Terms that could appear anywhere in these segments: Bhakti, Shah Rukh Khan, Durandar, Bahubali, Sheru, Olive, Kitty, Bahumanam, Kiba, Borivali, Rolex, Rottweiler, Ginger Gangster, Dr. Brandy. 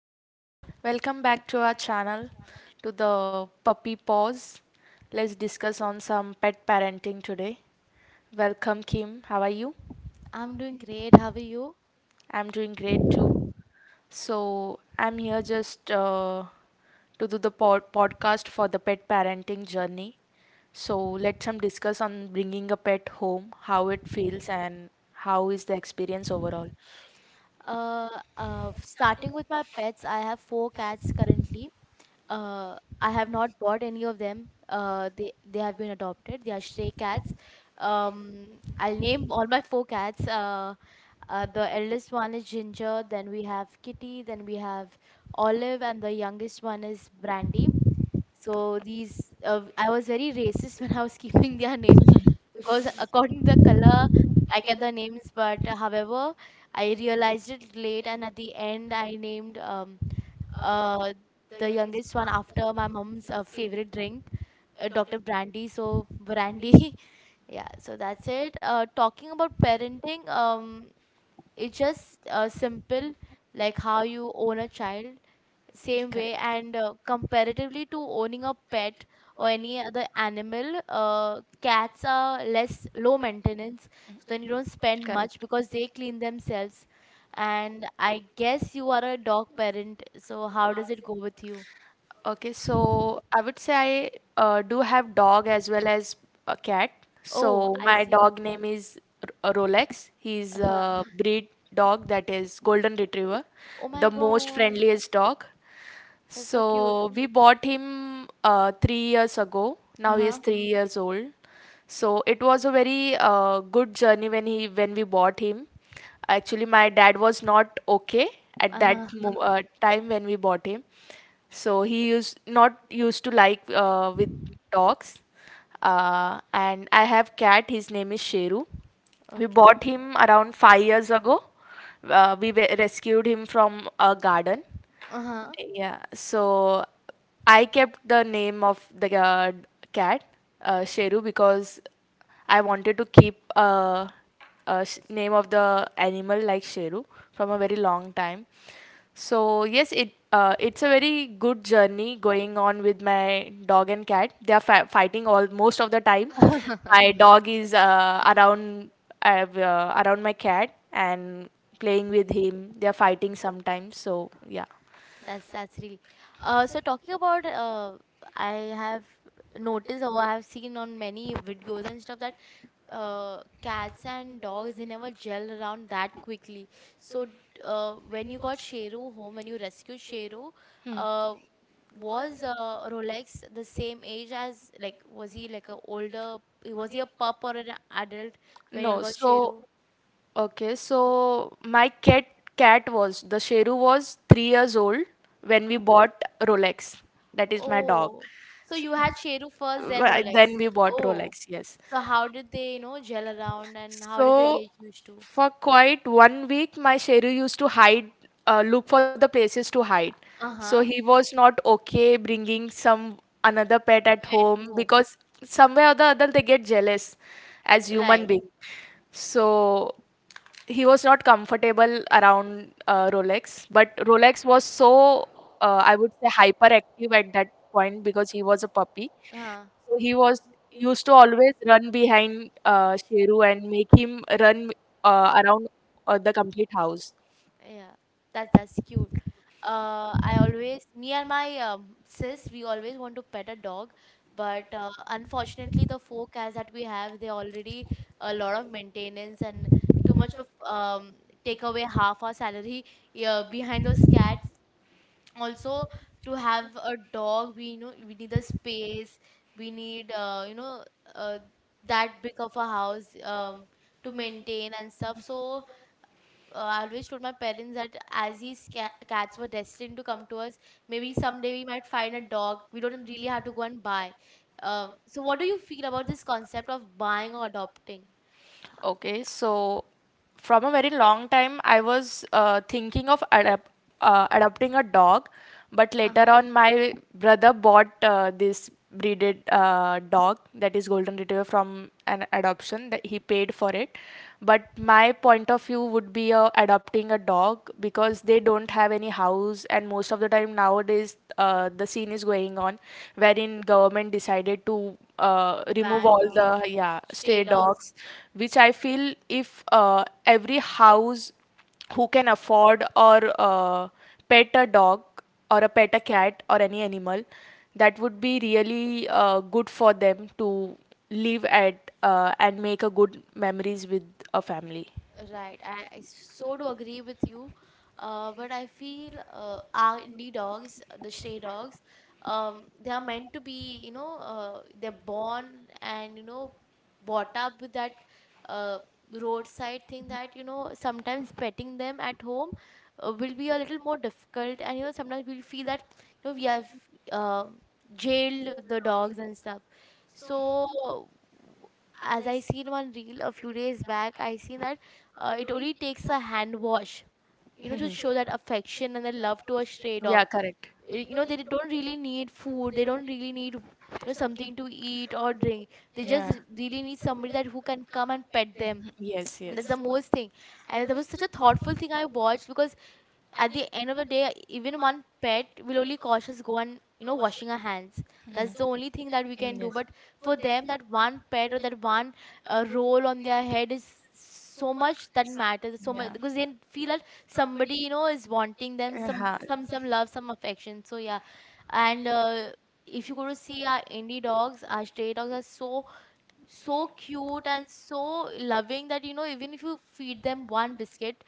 Okay, welcome back to our channel to the puppy pause. Let's discuss on some pet parenting today. Welcome Kim, how are you? I'm doing great. How are you? I'm doing great too. So, I'm here just to do the podcast for the pet parenting journey. So, let's discuss on bringing a pet home, how it feels and how is the experience overall. Uh, Starting with my pets, I have four cats currently. I have not bought any of them. They have been adopted. They are stray cats. Um, I'll name all my four cats. The eldest one is Ginger. Then we have Kitty. Then we have Olive, and the youngest one is Brandy. So these, I was very racist when I was keeping their names because, according to the color, I kept the names. But However, I realized it late, and at the end, I named uh the youngest one after my mom's favorite drink, Dr. Brandy. So Brandy, yeah. So that's it. Talking about parenting, it's just simple, like how you own a child. Same way, and Correct. Comparatively to owning a pet or any other animal, cats are less low maintenance, so then you don't spend much Correct. because they clean themselves. And I guess you are a dog parent, so how does it go with you? Okay, so I would say I do have dog as well as a cat. Oh. Oh, So I my see. dog name is Rolex. He's a Uh-huh. breed dog, that is golden retriever, Oh oh my the most god, friendliest dog. that's so cute. So we bought him 3 years ago. Now he is Uh-huh. 3 years old. So it was a very good journey when he when we bought him. Actually, my dad was not okay at that Uh-huh. mo time when we bought him. So he used not used to like with dogs. And I have cat. His name is Sheru. We Okay. bought him around 5 years ago. We rescued him from a garden. Uh-huh. Yeah, so I kept the name of the cat Sheru because I wanted to keep a name of the animal like Sheru from a very long time. So yes, it's a very good journey going on with my dog and cat. They are fighting all most of the time. My dog is around uh, around my cat and playing with him. They are fighting sometimes. So yeah. That's really. Uh, so talking about, uh, I have noticed, or I have seen on many videos and stuff that, cats and dogs, they never gel around that quickly. So d- when you got Sheru home, when you rescued Sheru, Hmm. uh, was Rolex the same age as, like, was he like a older? Was he a pup or an adult when you all No, got so Sheru? okay, so my cat was the Sheru was 3 years old when we bought Rolex. That is my oh, dog. Oh, so you had Sheru first, then Rolex. Then we bought oh, Oh, Rolex, yes. so how did they, you know, gel around, and how did they So get used to? for quite 1 week, my Sheru used to hide, look for the places to hide. Uh-huh. So he was not okay bringing some another pet at Pet, home, no. because somewhere or the other they get jealous as Right. human being. So he was not comfortable around Rolex, but Rolex was so I would say hyperactive at that point because he was a puppy. Uh, So he was used to always run behind Sheru and make him run around the complete house. yeah. That's cute. I always, me and my sis, we always want to pet a dog, but unfortunately, the four cats that we have, they already a lot of maintenance, and too much of take away half our salary behind those cats. Also, to have a dog, we, you know, we need a space. We need, you know, uh, that big of a house, to maintain and stuff. So I always told my parents that as these cats were destined to come to us, maybe someday we might find a dog. We don't really have to go and buy. So what do you feel about this concept of buying or adopting? Okay, so from a very long time, I was thinking of adopting a dog, but later Uh-huh. on, my brother bought this breeded dog, that is golden retriever, from an adoption that he paid for it. But my point of view would be adopting a dog because they don't have any house, and most of the time nowadays, the scene is going on wherein government decided to remove Band all of the yeah stray stray dogs. dogs, which I feel if every house who can afford or pet a dog or a pet a cat or any animal, that would be really good for them to live at and make a good memories with a family. Right, I so do agree with you. But I feel our indie dogs, the stray dogs, they are meant to be, you know, they're born and, you know, brought up with that uh, roadside thing, that, you know, sometimes petting them at home will be a little more difficult. And, you know, sometimes we'll feel that, you know, we have uh, jailed the dogs and stuff. So, as I seen one reel a few days back, I seen that it only takes a hand wash, you know, to show that affection and the love to a stray dog. Correct. You know, they don't really need food. They don't really need, you know, something to eat or drink. They just really need somebody that who can come and pet Some them. And that's the yes most thing. And that was such a thoughtful thing I watched, because at the end of the day, even one pet will only cause us go and, you know, washing our hands. That's the only thing that we can do. But for them, that one pet or that one roll on their head is so much, that matters so much, because they feel that somebody, you know, is wanting them, some love, some affection. So yeah. And if to you go to see, our indie dogs, our stray dogs are so so cute and so loving that, you know, even if you feed them one biscuit,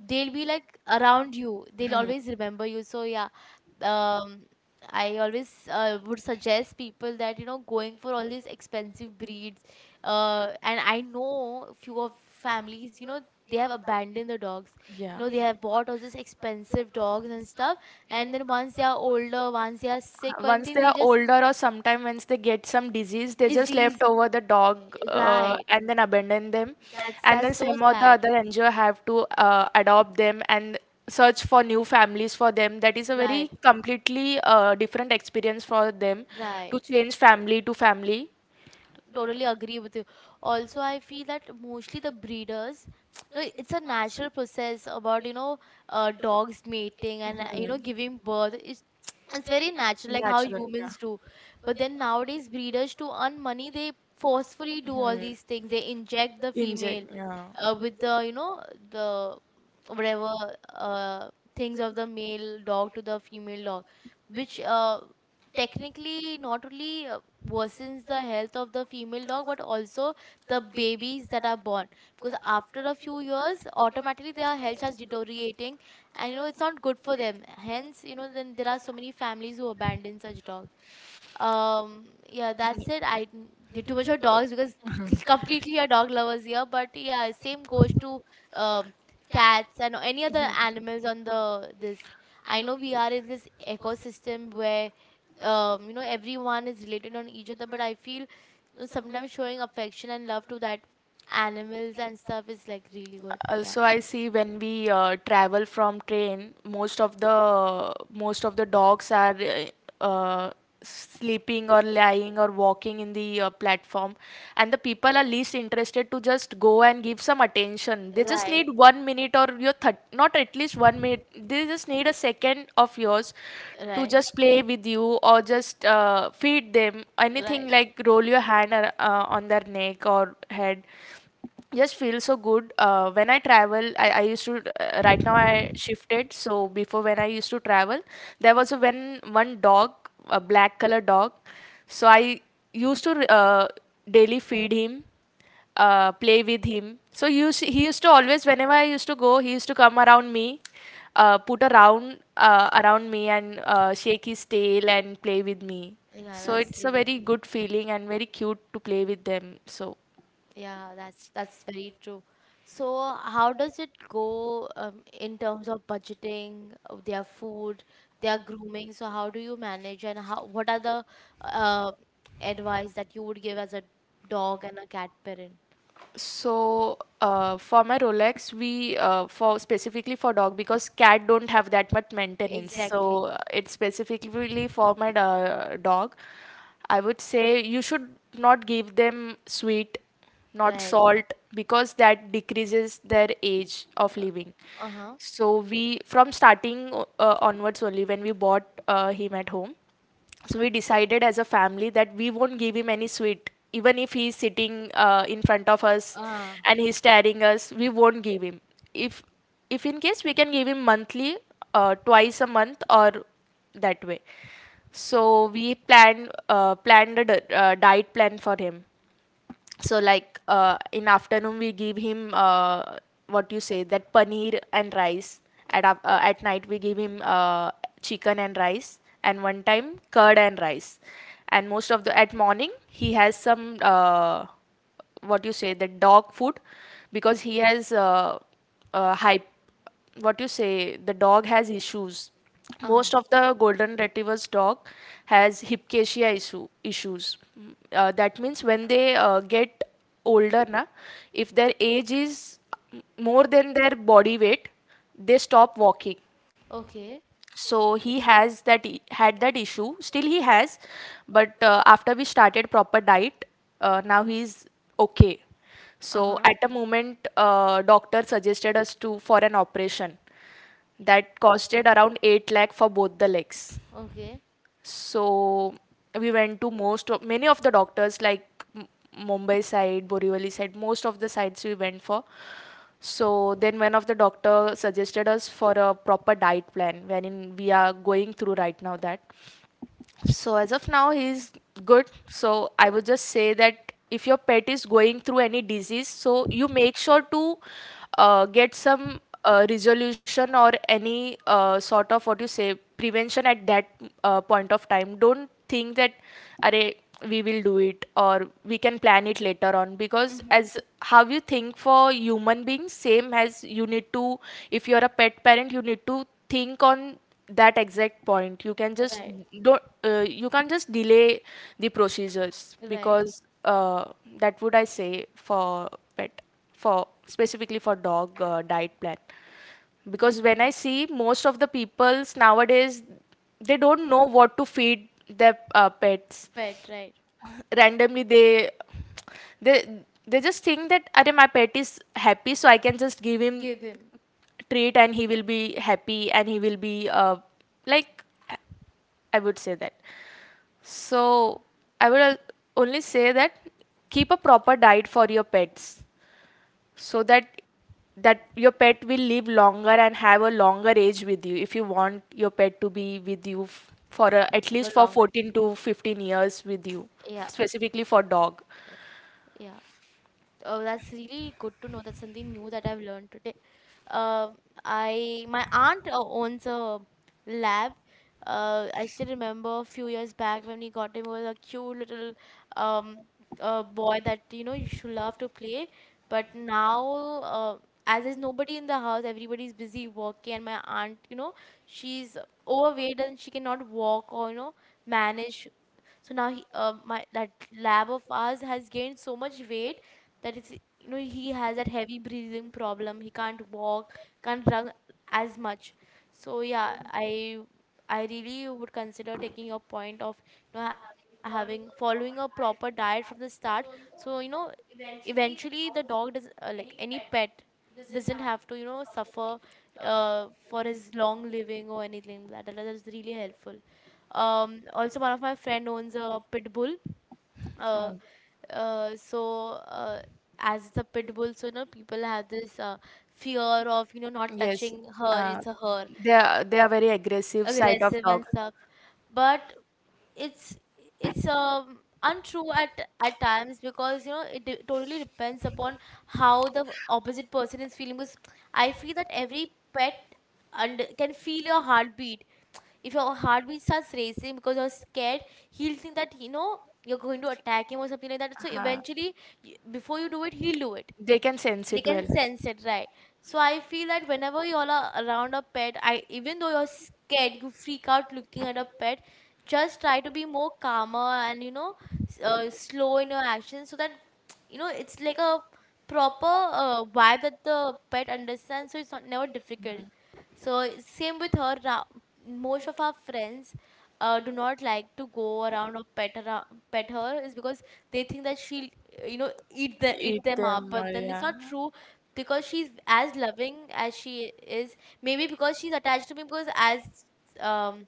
they'll be like around you, they'll always remember you. So yeah. um I always would suggest people that, you know, going for all these expensive breeds, and I know a few of families, you know, they have abandoned the dogs, you know. They have bought all these expensive dogs and stuff, and then once they are older, once they are sick or once anything, they they are just older or sometime once they get some disease they just disease. left over the dog Right, and then abandon them, that's and then that's so some or the sad. other NGO have to adopt them and search for new families for them. That is a Right. very completely different experience for them Right. to change family to family. Totally agree with you. Also, I feel that mostly the breeders, no, it's a natural process about, you know, dogs mating and, you know, Mhm. giving birth. It's very natural, like how Natural, yeah. humans do. But then, nowadays, breeders, to earn money, they forcefully do all Mhm. these things. They inject the female Inject, yeah. With the, you know, the whatever uh, things of the male dog to the female dog, which technically not only worsens the health of the female dog, but also the babies that are born, because after a few years automatically their health starts deteriorating, and you know it's not good for them. Hence, you know, then there are so many families who abandon such dogs. Yeah, that's it. Did too much of dogs because completely a dog lovers here. But yeah, same goes to um, cats and any other animals on the this. I know we are in this ecosystem where, you know, everyone is related on each other. But I feel, you know, sometimes showing affection and love to that animals and stuff is like really good. Yeah. Also I see when we travel from train, most of the dogs are sleeping or lying or walking in the platform, and the people are least interested to just go and give some attention. They just Right. need 1 minute, or your not at least 1 minute, they just need a second of yours to Right. just play with you or just feed them anything, Right. like roll your hand on their neck or head. Just feel so good when I travel. I used to right now I shifted, so before, when I used to travel, there was a when one dog, a black color dog, so I used to daily feed him, play with him, so he used to always, whenever I used to go, he used to come around me, put around around me and shake his tail and play with me. Yeah, So that's it's a really very cute. good feeling and very cute to play with them. So Yeah, that's very true. So, how does it go in terms of budgeting, their food, their grooming? So, how do you manage, and how, what are the uh, advice that you would give as a dog and a cat parent? So, for my Rolex, we for specifically for dog, because cat don't have that much maintenance. Exactly. Exactly, So it's specifically for my dog. I would say you should not give them sweet, not right. salt, because that decreases their age of living. Uh Uh-huh. huh. So we from starting onwards only when we bought him at home. So we decided as a family that we won't give him any sweet, even if he's sitting in front of us Uh, and he's staring us. We won't give him. If if in case we can give him monthly, twice a month or that way. So we planned a diet plan for him, so like in afternoon we give him what you say that paneer and rice, at at night we give him chicken and rice, and one time curd and rice, and most of the at morning he has some what you say that dog food, because he has hype what you say the dog has issues. uh, Most of the golden retrievers dog has hypcasia issues. Mm, that means when they get older na, if their age is mm, more than their body weight, they stop walking. okay. So he has that had that issue, still he has, but after we started proper diet, now he's okay. So Uh-huh. at a moment doctor suggested us to for an operation that costed around 8 lakh for both the legs. Okay. So we went to most of many of the doctors, like M- Mumbai side, Borivali side, most of the sites we went for. So then one of the doctor suggested us for a proper diet plan wherein we are going through right now that. So as of now, he's good. So I would just say that if your pet is going through any disease, so you make sure to get some resolution or any sort of what you say prevention at that point of time. Don't think that, "Arey, we will do it or we can plan it later on," because Mm-hmm. as how you think for human beings, same as you need to, if you're a pet parent, you need to think on that exact point. You can just Right. don't you can't just delay the procedures, Right. because that would I say for pet, for specifically for dog diet plan, because when I see most of the peoples nowadays, they don't know what to feed their pets. Pet, right. Right. Randomly they they just think that Arey, my pet is happy, so I can just give him Give him treat and he will be happy and he will be like, I would say that. So I would al- only say that keep a proper diet for your pets so that that your pet will live longer and have a longer age with you, if you want your pet to be with you for a, at a least for longer 14 time. to 15 years with you, Yeah, specifically for dog. yeah. Oh, that's really good to know. That's something new that I've learned today. Um, I, my aunt owns a lab. I still remember a few years back when we got him, he was a cute little um boy that, you know, you should love to play. But now, uh, as there's nobody in the house, everybody's busy working, and my aunt, you know, she's overweight and she cannot walk or, you know, manage. So now he, my that lab of ours has gained so much weight, that it's, you know, he has that heavy breathing problem. He can't walk, can't run as much. So yeah, I really would consider taking your point of, you know, having following a proper diet from the start. So, you know, eventually the dog does, like any pet doesn't have to, you know, suffer for his long living or anything like that. That's really helpful. Also, one of my friend owns a pit bull, uh, Oh, uh so uh, as it's a pit bull, so you know people have this fear of, you know, not yes. touching her, Uh, it's a her. They are very aggressive side of Aggressive and dog. stuff, but it's it's, untrue at times, because, you know, it totally depends upon how the opposite person is feeling. Because I feel that every pet and can feel your heartbeat. If your heartbeat starts racing because you're scared, he'll think that, you know, you're going to attack him or something like that, so Uh, eventually, before you do it, he'll do it. they can sense They it can well. sense it, right. So I feel that whenever you all are around a pet, I, even though you're scared, you freak out looking at a pet, just try to be more calmer, and you know, slow in your actions, so that you know, it's like a proper vibe that the pet understands, so it's not never difficult. So it's same with her, most of our friends do not like to go around or pet around, pet her, is because they think that she, you know, eat the eat them up. But then it's not true, because she's as loving as she is, maybe because she's attached to me, because um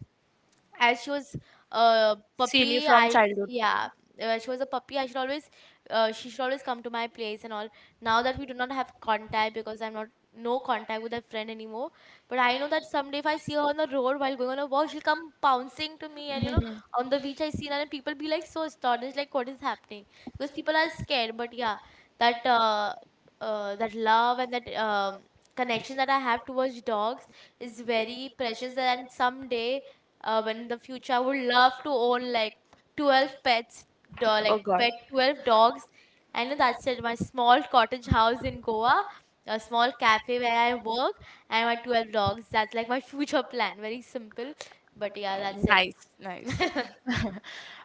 as she was a puppy, I yeah, when she was a puppy, I should always, she should always come to my place and all. Now that we do not have contact, because I'm not, no contact with that friend anymore, but I know that someday if I see her on the road while going on a walk, she'll come pouncing to me. And, you know, on the beach, I see her, and people be like so astonished, like, what is happening, because people are scared. But yeah, that that love and that connection that I have towards dogs is very precious. And someday, when in the future, I Would love to own like 12 pets, like pet 12 dogs. I know that's it. My small cottage house in Goa, a small cafe where I work, and my 12 dogs, that's like my future plan. Very simple, but yeah, that's it. Nice, nice.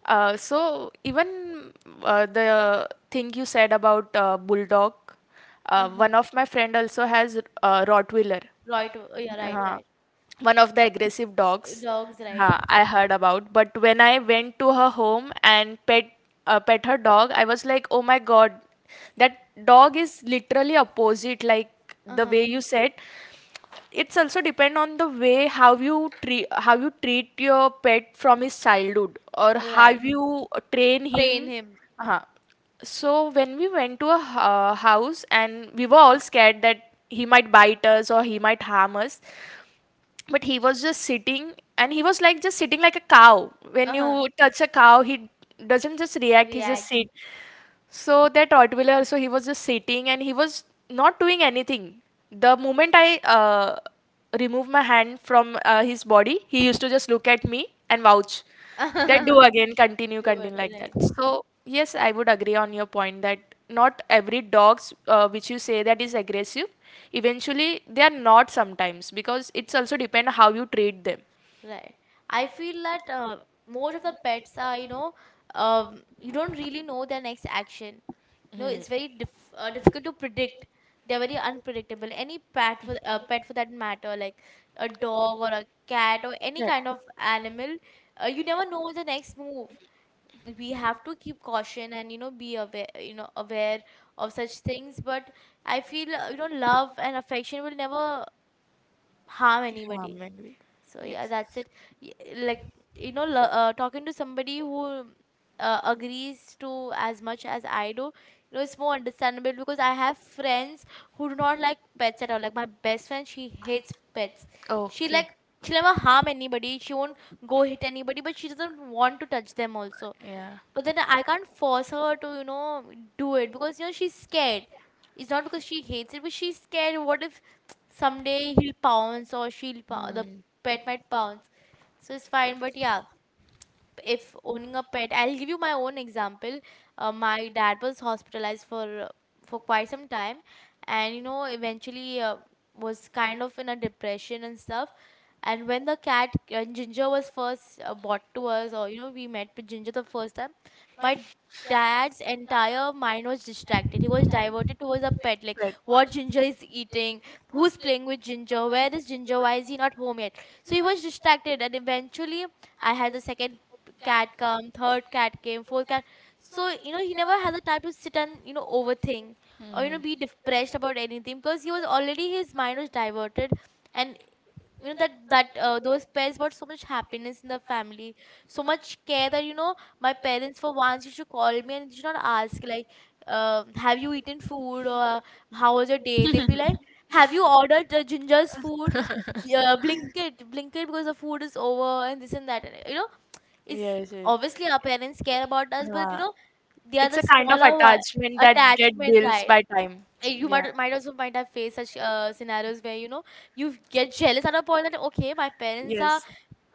So even the thing you said about bulldog, Uh-huh. one of my friend also has Rottweiler. Right, yeah, right, Uh, right. one of the aggressive dogs Dogs, right. I heard about. But when I went to her home and pet her dog, I was like, oh my God, that dog is literally opposite, like the Uh-huh. way you said. It's also depend on the way how you treat, how you treat your pet from his childhood, or how Right. you train Train him. him. Uh, so when we went to a house and we were all scared that he might bite us or he might harm us, but he was just sitting, and he was like just sitting like a cow. When Uh-huh. you touch a cow, he doesn't just react, he just React. sit. So that Rottweiler, so he was just sitting and he was not doing anything. The moment I removed my hand from his body, he used to just look at me and vouch that do Good, again, continue continue like that. right, So yes, I would agree on your point, that not every dogs which you say that is aggressive, eventually they are not sometimes, because it's also depend how you treat them. right. I feel that most of the pets are, you know, you don't really know their next action. You know, Hmm. it's very difficult to predict. They're very unpredictable. Any pet for pet for that matter, like a dog or a cat or any Correct. kind of animal, you never know the next move. We have to keep caution and, you know, be aware, you know, aware of such things. But I feel you know, love and affection will never harm anybody. Harm angry So so yeah, that's it. Like, you know, talking to somebody who agrees to as much as I do, you know, it's more understandable because I have friends who do not like pets at all. Like my best friend, she hates pets. She like she'll never harm anybody. She won't go hit anybody, but she doesn't want to touch them also. yeah. But then I can't force her to, you know, do it because, you know, she's scared. It's not because she hates it, but she's scared. What if someday he'll pounce or the pet might pounce. So it's fine. But yeah, if owning a pet, I'll give you my own example. My dad was hospitalized for quite some time, and you know, eventually was kind of in a depression and stuff. And when the cat, when Ginger was first bought to us, or you know, we met with Ginger the first time, my dad's entire mind was distracted. He was diverted towards a pet, like Right. what Ginger is eating, who's playing with Ginger, where is Ginger, why is he not home yet? So he was distracted, and eventually, I had the second cat come, third cat came, fourth cat. So you know, he never had the time to sit and, you know, overthink or, you know, be Mhm. depressed about anything because he was already, his mind was diverted, and you know that those pets brought so much happiness in the family, so much care that, you know, my parents for once used to call me and should not ask like, have you eaten food or how was your day. They'll be like, have you ordered the ginger's food, blinket, blinket, because the food is over and this and that, and, you know, it's Yes, yes. obviously our parents care about us, but, you Yeah. know, they are It's the a kind of smaller one. attachment that get Attachment, built right. by time. Eh, you Yeah. Might also might have faced such scenarios where, you know, you get jealous at a point that okay, my parents are Yes.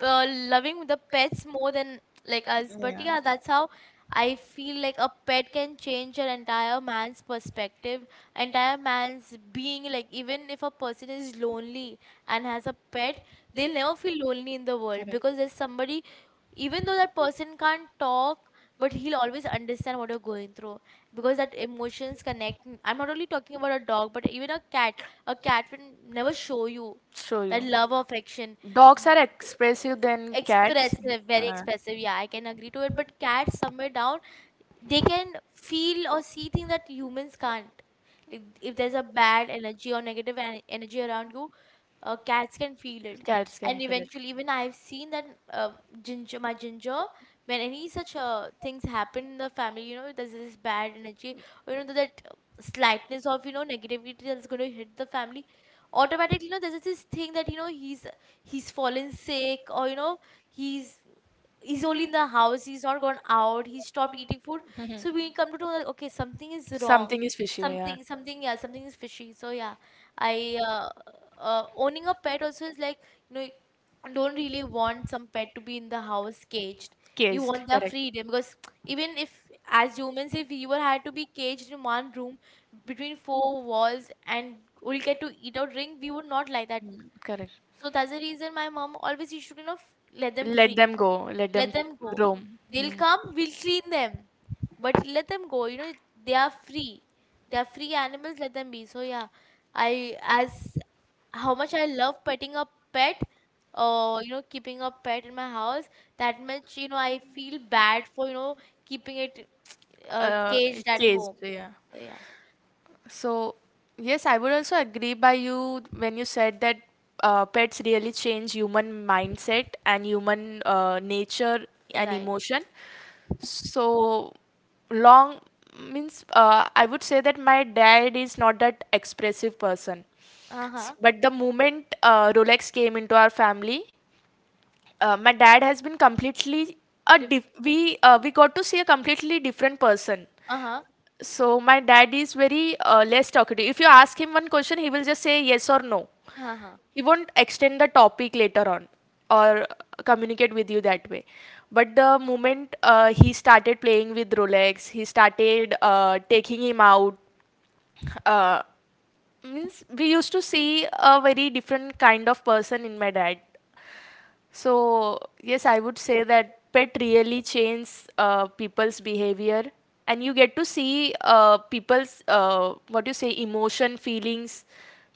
uh, loving the pets more than like us. But yeah, that's how I feel. Like a pet can change an entire man's perspective, entire man's being. Like even if a person is lonely and has a pet, they'll never feel lonely in the world because there's somebody, even though that person can't talk, but he'll always understand what you're going through, because that emotions connect. I'm not only talking about a dog but even a cat. A cat will never show you Show you. that love or affection. Dogs are expressive than cats. Expressive, very expressive, yeah, I can agree to it. But cats somewhere down, they can feel or see things that humans can't. Like if there's a bad energy or energy around you, cats can feel it. Cats can And feel it. eventually, even I've seen that, um Ginger, my Ginger, when any such things happen in the family, you know, there's this bad energy, you know, that slightness of, you know, negativity that's going to hit the family, automatically, you know, there's this thing that, you know, he's fallen sick, or, you know, he's he's only in the house, he's not gone out, he stopped eating food. Mhm. So we come to know that okay, something is wrong. Something is fishy, yeah. Something, yeah, something is fishy. So yeah, I uh, owning a pet also is like, you know, you don't really want some pet to be in the house caged. You want Caged, their correct. freedom, because even if as humans, if you were had to be caged in one room between four walls and only get to eat or drink, we would not like that. Mm, correct. So that's the reason my mom always used to, you know, let them Let free. them go. Let Let them them go. roam. They'll Mm. come, we'll clean them. But let them go. You know, they are free. They are free animals, let them be. So yeah, I, as how much I love petting a pet, or, you know, keeping a pet in my house, that much, you know, I feel bad for, you know, keeping it Uh, caged at case. home. Yeah. So yeah. So, yes, I would also agree by you when you said that pets really change human mindset and human nature and Right. emotion. So, long means I would say that my dad is not that expressive person. Uh-huh. But the moment Rolex came into our family, my dad has been completely a Dif-. we got to see a completely different person. Uh-huh. So my dad is very less talkative. If you ask him one question, he will just say yes or no. Uh-huh. He won't extend the topic later on or communicate with you that way. But the moment he started playing with Rolex, he started taking him out. Uh, means we used to see a very different kind of person in my dad. So, yes, I would say that pet really changes people's behavior, and you get to see people's what you say emotion, feelings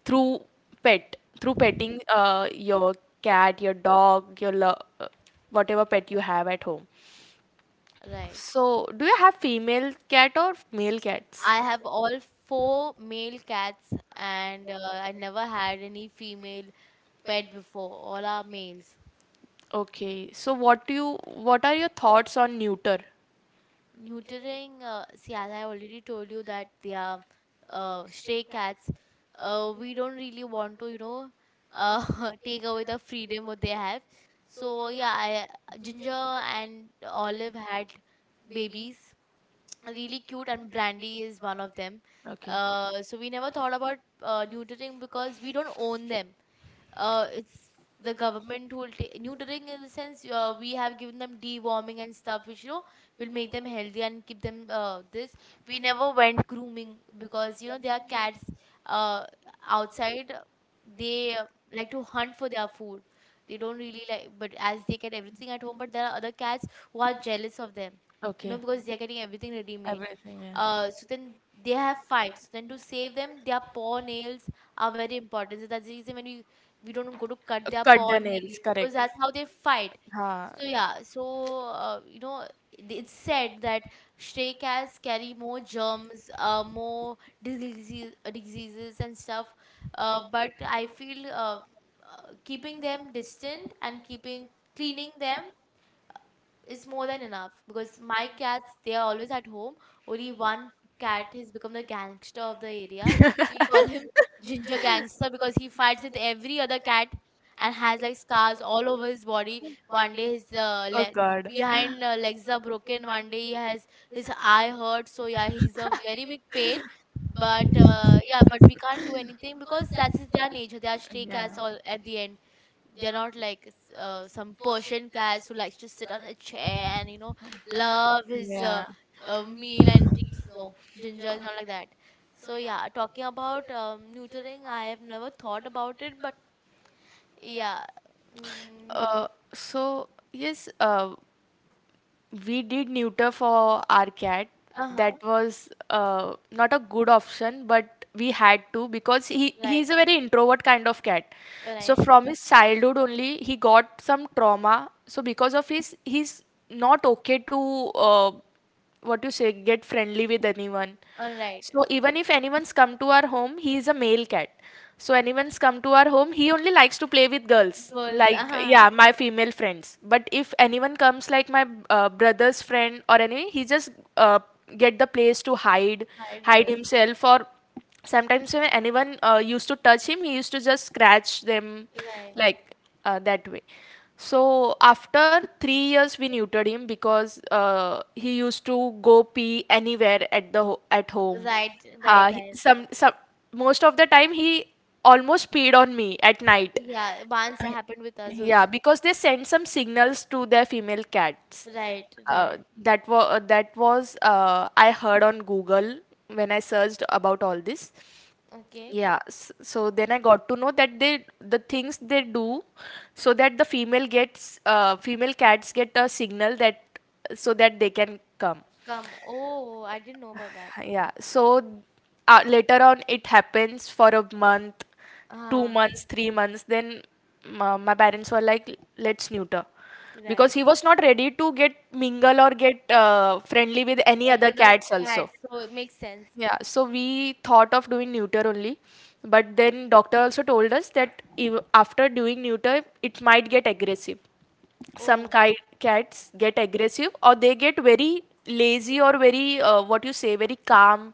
through pet, through petting your cat, your dog, your whatever pet you have at home. Right. So, do you have female cat or male cats? I have all four male cats, and I never had any female pet before. All are males. Okay, so what do you what are your thoughts on neuter? Neutering, see, as I already told you that they are stray cats. We don't really want to, you know, uh, take away the freedom what they have. So yeah, I, Ginger and Olive had babies, really cute, and Brandy is one of them. So we never thought about neutering because we don't own them. It's the government who will take neutering in the sense, we have given them deworming and stuff, which, you know, will make them healthy and keep them this. We never went grooming because, you know, there are cats uh, outside. They like to hunt for their food. They don't really like, but as they get everything at home. But there are other cats who are jealous of them, you know, Okay. because they're getting everything ready made. Everything, yeah. So then they have fights. Then to save them, their paw nails are very important. So that's the reason when you, we don't go to cut their cut paw the nails, nails, because correct. that's how they fight. Ha. So yeah, so you know, it- it's said that stray cats carry more germs, more diseases, diseases and stuff. But I feel keeping them distant and keeping cleaning them, it's more than enough, because my cats, they are always at home. Only one cat has become the gangster of the area. We call him Ginger Gangster because he fights with every other cat and has like scars all over his body. One day his leg, behind legs are broken. One day he has his eye hurt. So yeah, he's a very big pain. But yeah, but we can't do anything because that's their nature. They are stray cats all at the end. They're not like some Persian cats who likes to sit on a chair and, you know, love his meal and treats. No, Ginger is not like that. So yeah, talking about neutering, I have never thought about it, but yeah, mm, Uh, so yes. We did neuter for our cat. uh huh, That was not a good option, but we had to because he right, he's a very introvert kind of cat. So right, from his childhood only, he got some trauma. So because of his, he's not okay to uh, what you say get friendly with anyone. all right, So even if anyone's come to our home, he is a male cat, so anyone's come to our home, he only likes to play with girls, girls, like uh huh, yeah, my female friends, but if anyone comes like my brother's friend or any, he just uh, get the place to hide right, hide right, himself or sometimes when anyone used to touch him, he used to just scratch them right, like, that way. So after 3 years, we neutered him because he used to go pee anywhere at the at home. right, right, Uh, he- right. some some most of the time he almost peed on me at night. Yeah, once Uh, it happened with us yeah, also. because they send some signals to their female cats. Right, right, That was I heard on Google when I searched about all this. okay. Yeah, so then I got to know that they the things they do so that the female gets female cats get a signal that so that they can come. Come. Oh, I didn't know about that. Yeah, so later on it happens for a month, two Uh, months, 3 months. Then my parents were like, let's neuter right. because he was not ready to get mingle or get friendly with any other Any other cats cat. also. So it makes sense. Yeah, so we thought of doing neuter only, but then doctor also told us that if, after doing neuter, it might get aggressive. Some Oh, ki cats get aggressive, or they get very lazy or very what you say, very calm,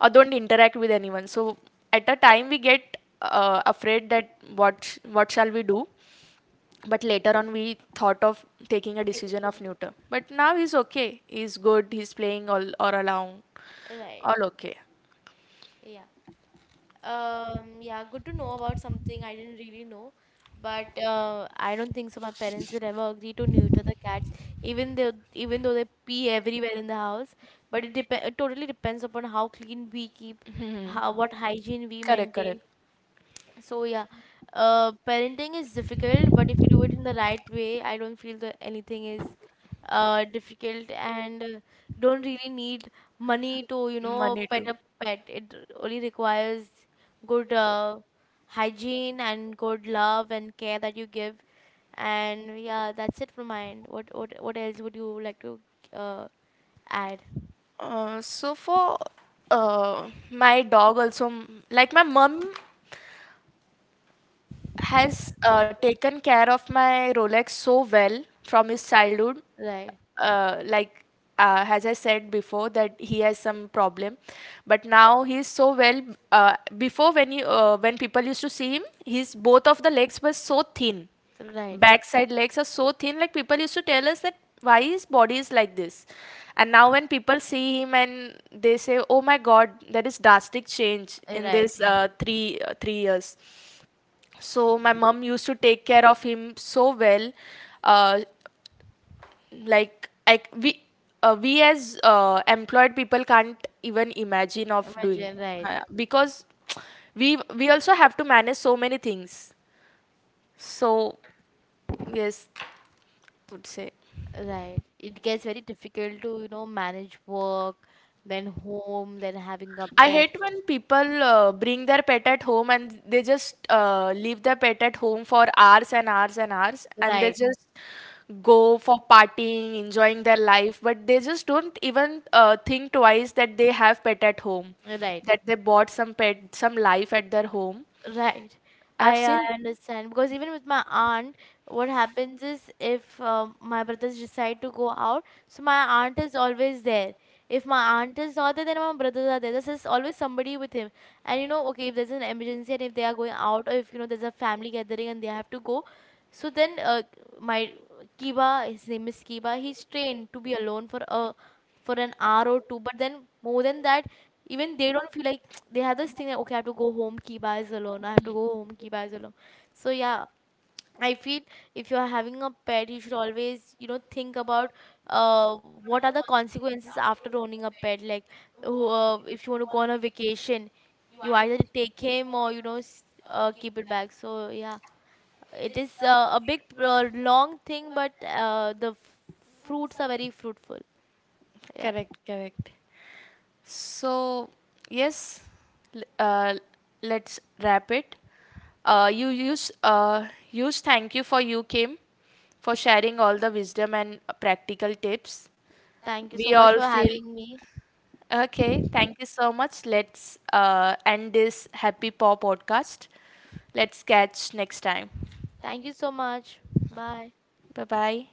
or don't interact with anyone. So at a time we get afraid that what what shall we do? But later on we thought of taking a decision taking of it. neuter. But now he's okay. He's good. He's playing all along, Right. all okay. Yeah. Yeah, good to know about something I didn't really know, but I don't think so. My parents would ever agree to neuter the cats, even though they pee everywhere in the house. But it totally depends upon how clean we keep, Mhm. how what hygiene we Correct, maintain. correct. So yeah, parenting is difficult, but if you do it in the right way, I don't feel that anything is difficult and don't really need money to, you know, Money too. pet a pet. It only requires good hygiene and good love and care that you give. And yeah, that's it from my end. What else would you like to uh, add? So for my dog also like my mom has taken care of my Rolex so well from his childhood. Right, Like as I said before, that he has some problem, but now he's so well. Before when you when people used to see him, his both of the legs were so thin. right, Backside legs are so thin. Like people used to tell us that why his body is like this, and now when people see him and they say, "Oh my God, there is drastic change in right. this 3 years." So my mom used to take care of him so well, uh, like we as employed people can't even imagine of doing Imagine, right. Because we also have to manage so many things, so yes would say. Right. It gets very difficult to, you know, manage work, then home, then having a I pet. hate when people bring their pet at home and they just leave their pet at home for hours and hours and hours and they Right. just go for partying, enjoying their life, but they just don't even think twice that they have pet at home, Right. that they bought some pet, some life at their home. Right. I have I seen, understand, because even with my aunt, what happens is if my brothers decide to go out, so my aunt is always there. If my aunt is not there, then my brothers are there. There's just always somebody with him. And you know, okay, if there's an emergency and if they are going out, or if, you know, there's a family gathering and they have to go, so then my Kiba, his name is Kiba, he's trained to be alone for a for an hour or two. But then more than that, even they don't feel like. They have this thing that okay, I have to go home, keep eyes alone. I have to go home, keep eyes alone. So yeah, I feel if you are having a pet, you should always, you know, think about what are the consequences after owning a pet. Like oh, if you want to go on a vacation, you either take him, or, you know, keep it back. So yeah, it is a big long thing, but the fruits are very fruitful. fruit Yeah. correct, correct. So, yes, l- uh, let's wrap it. You use use thank you for you came, for sharing all the wisdom and practical tips. Thank you We so much all for feel having me. okay. Thank you so much. Let's end this happy paw podcast. Let's catch next time. Thank you so much. Bye. Bye bye.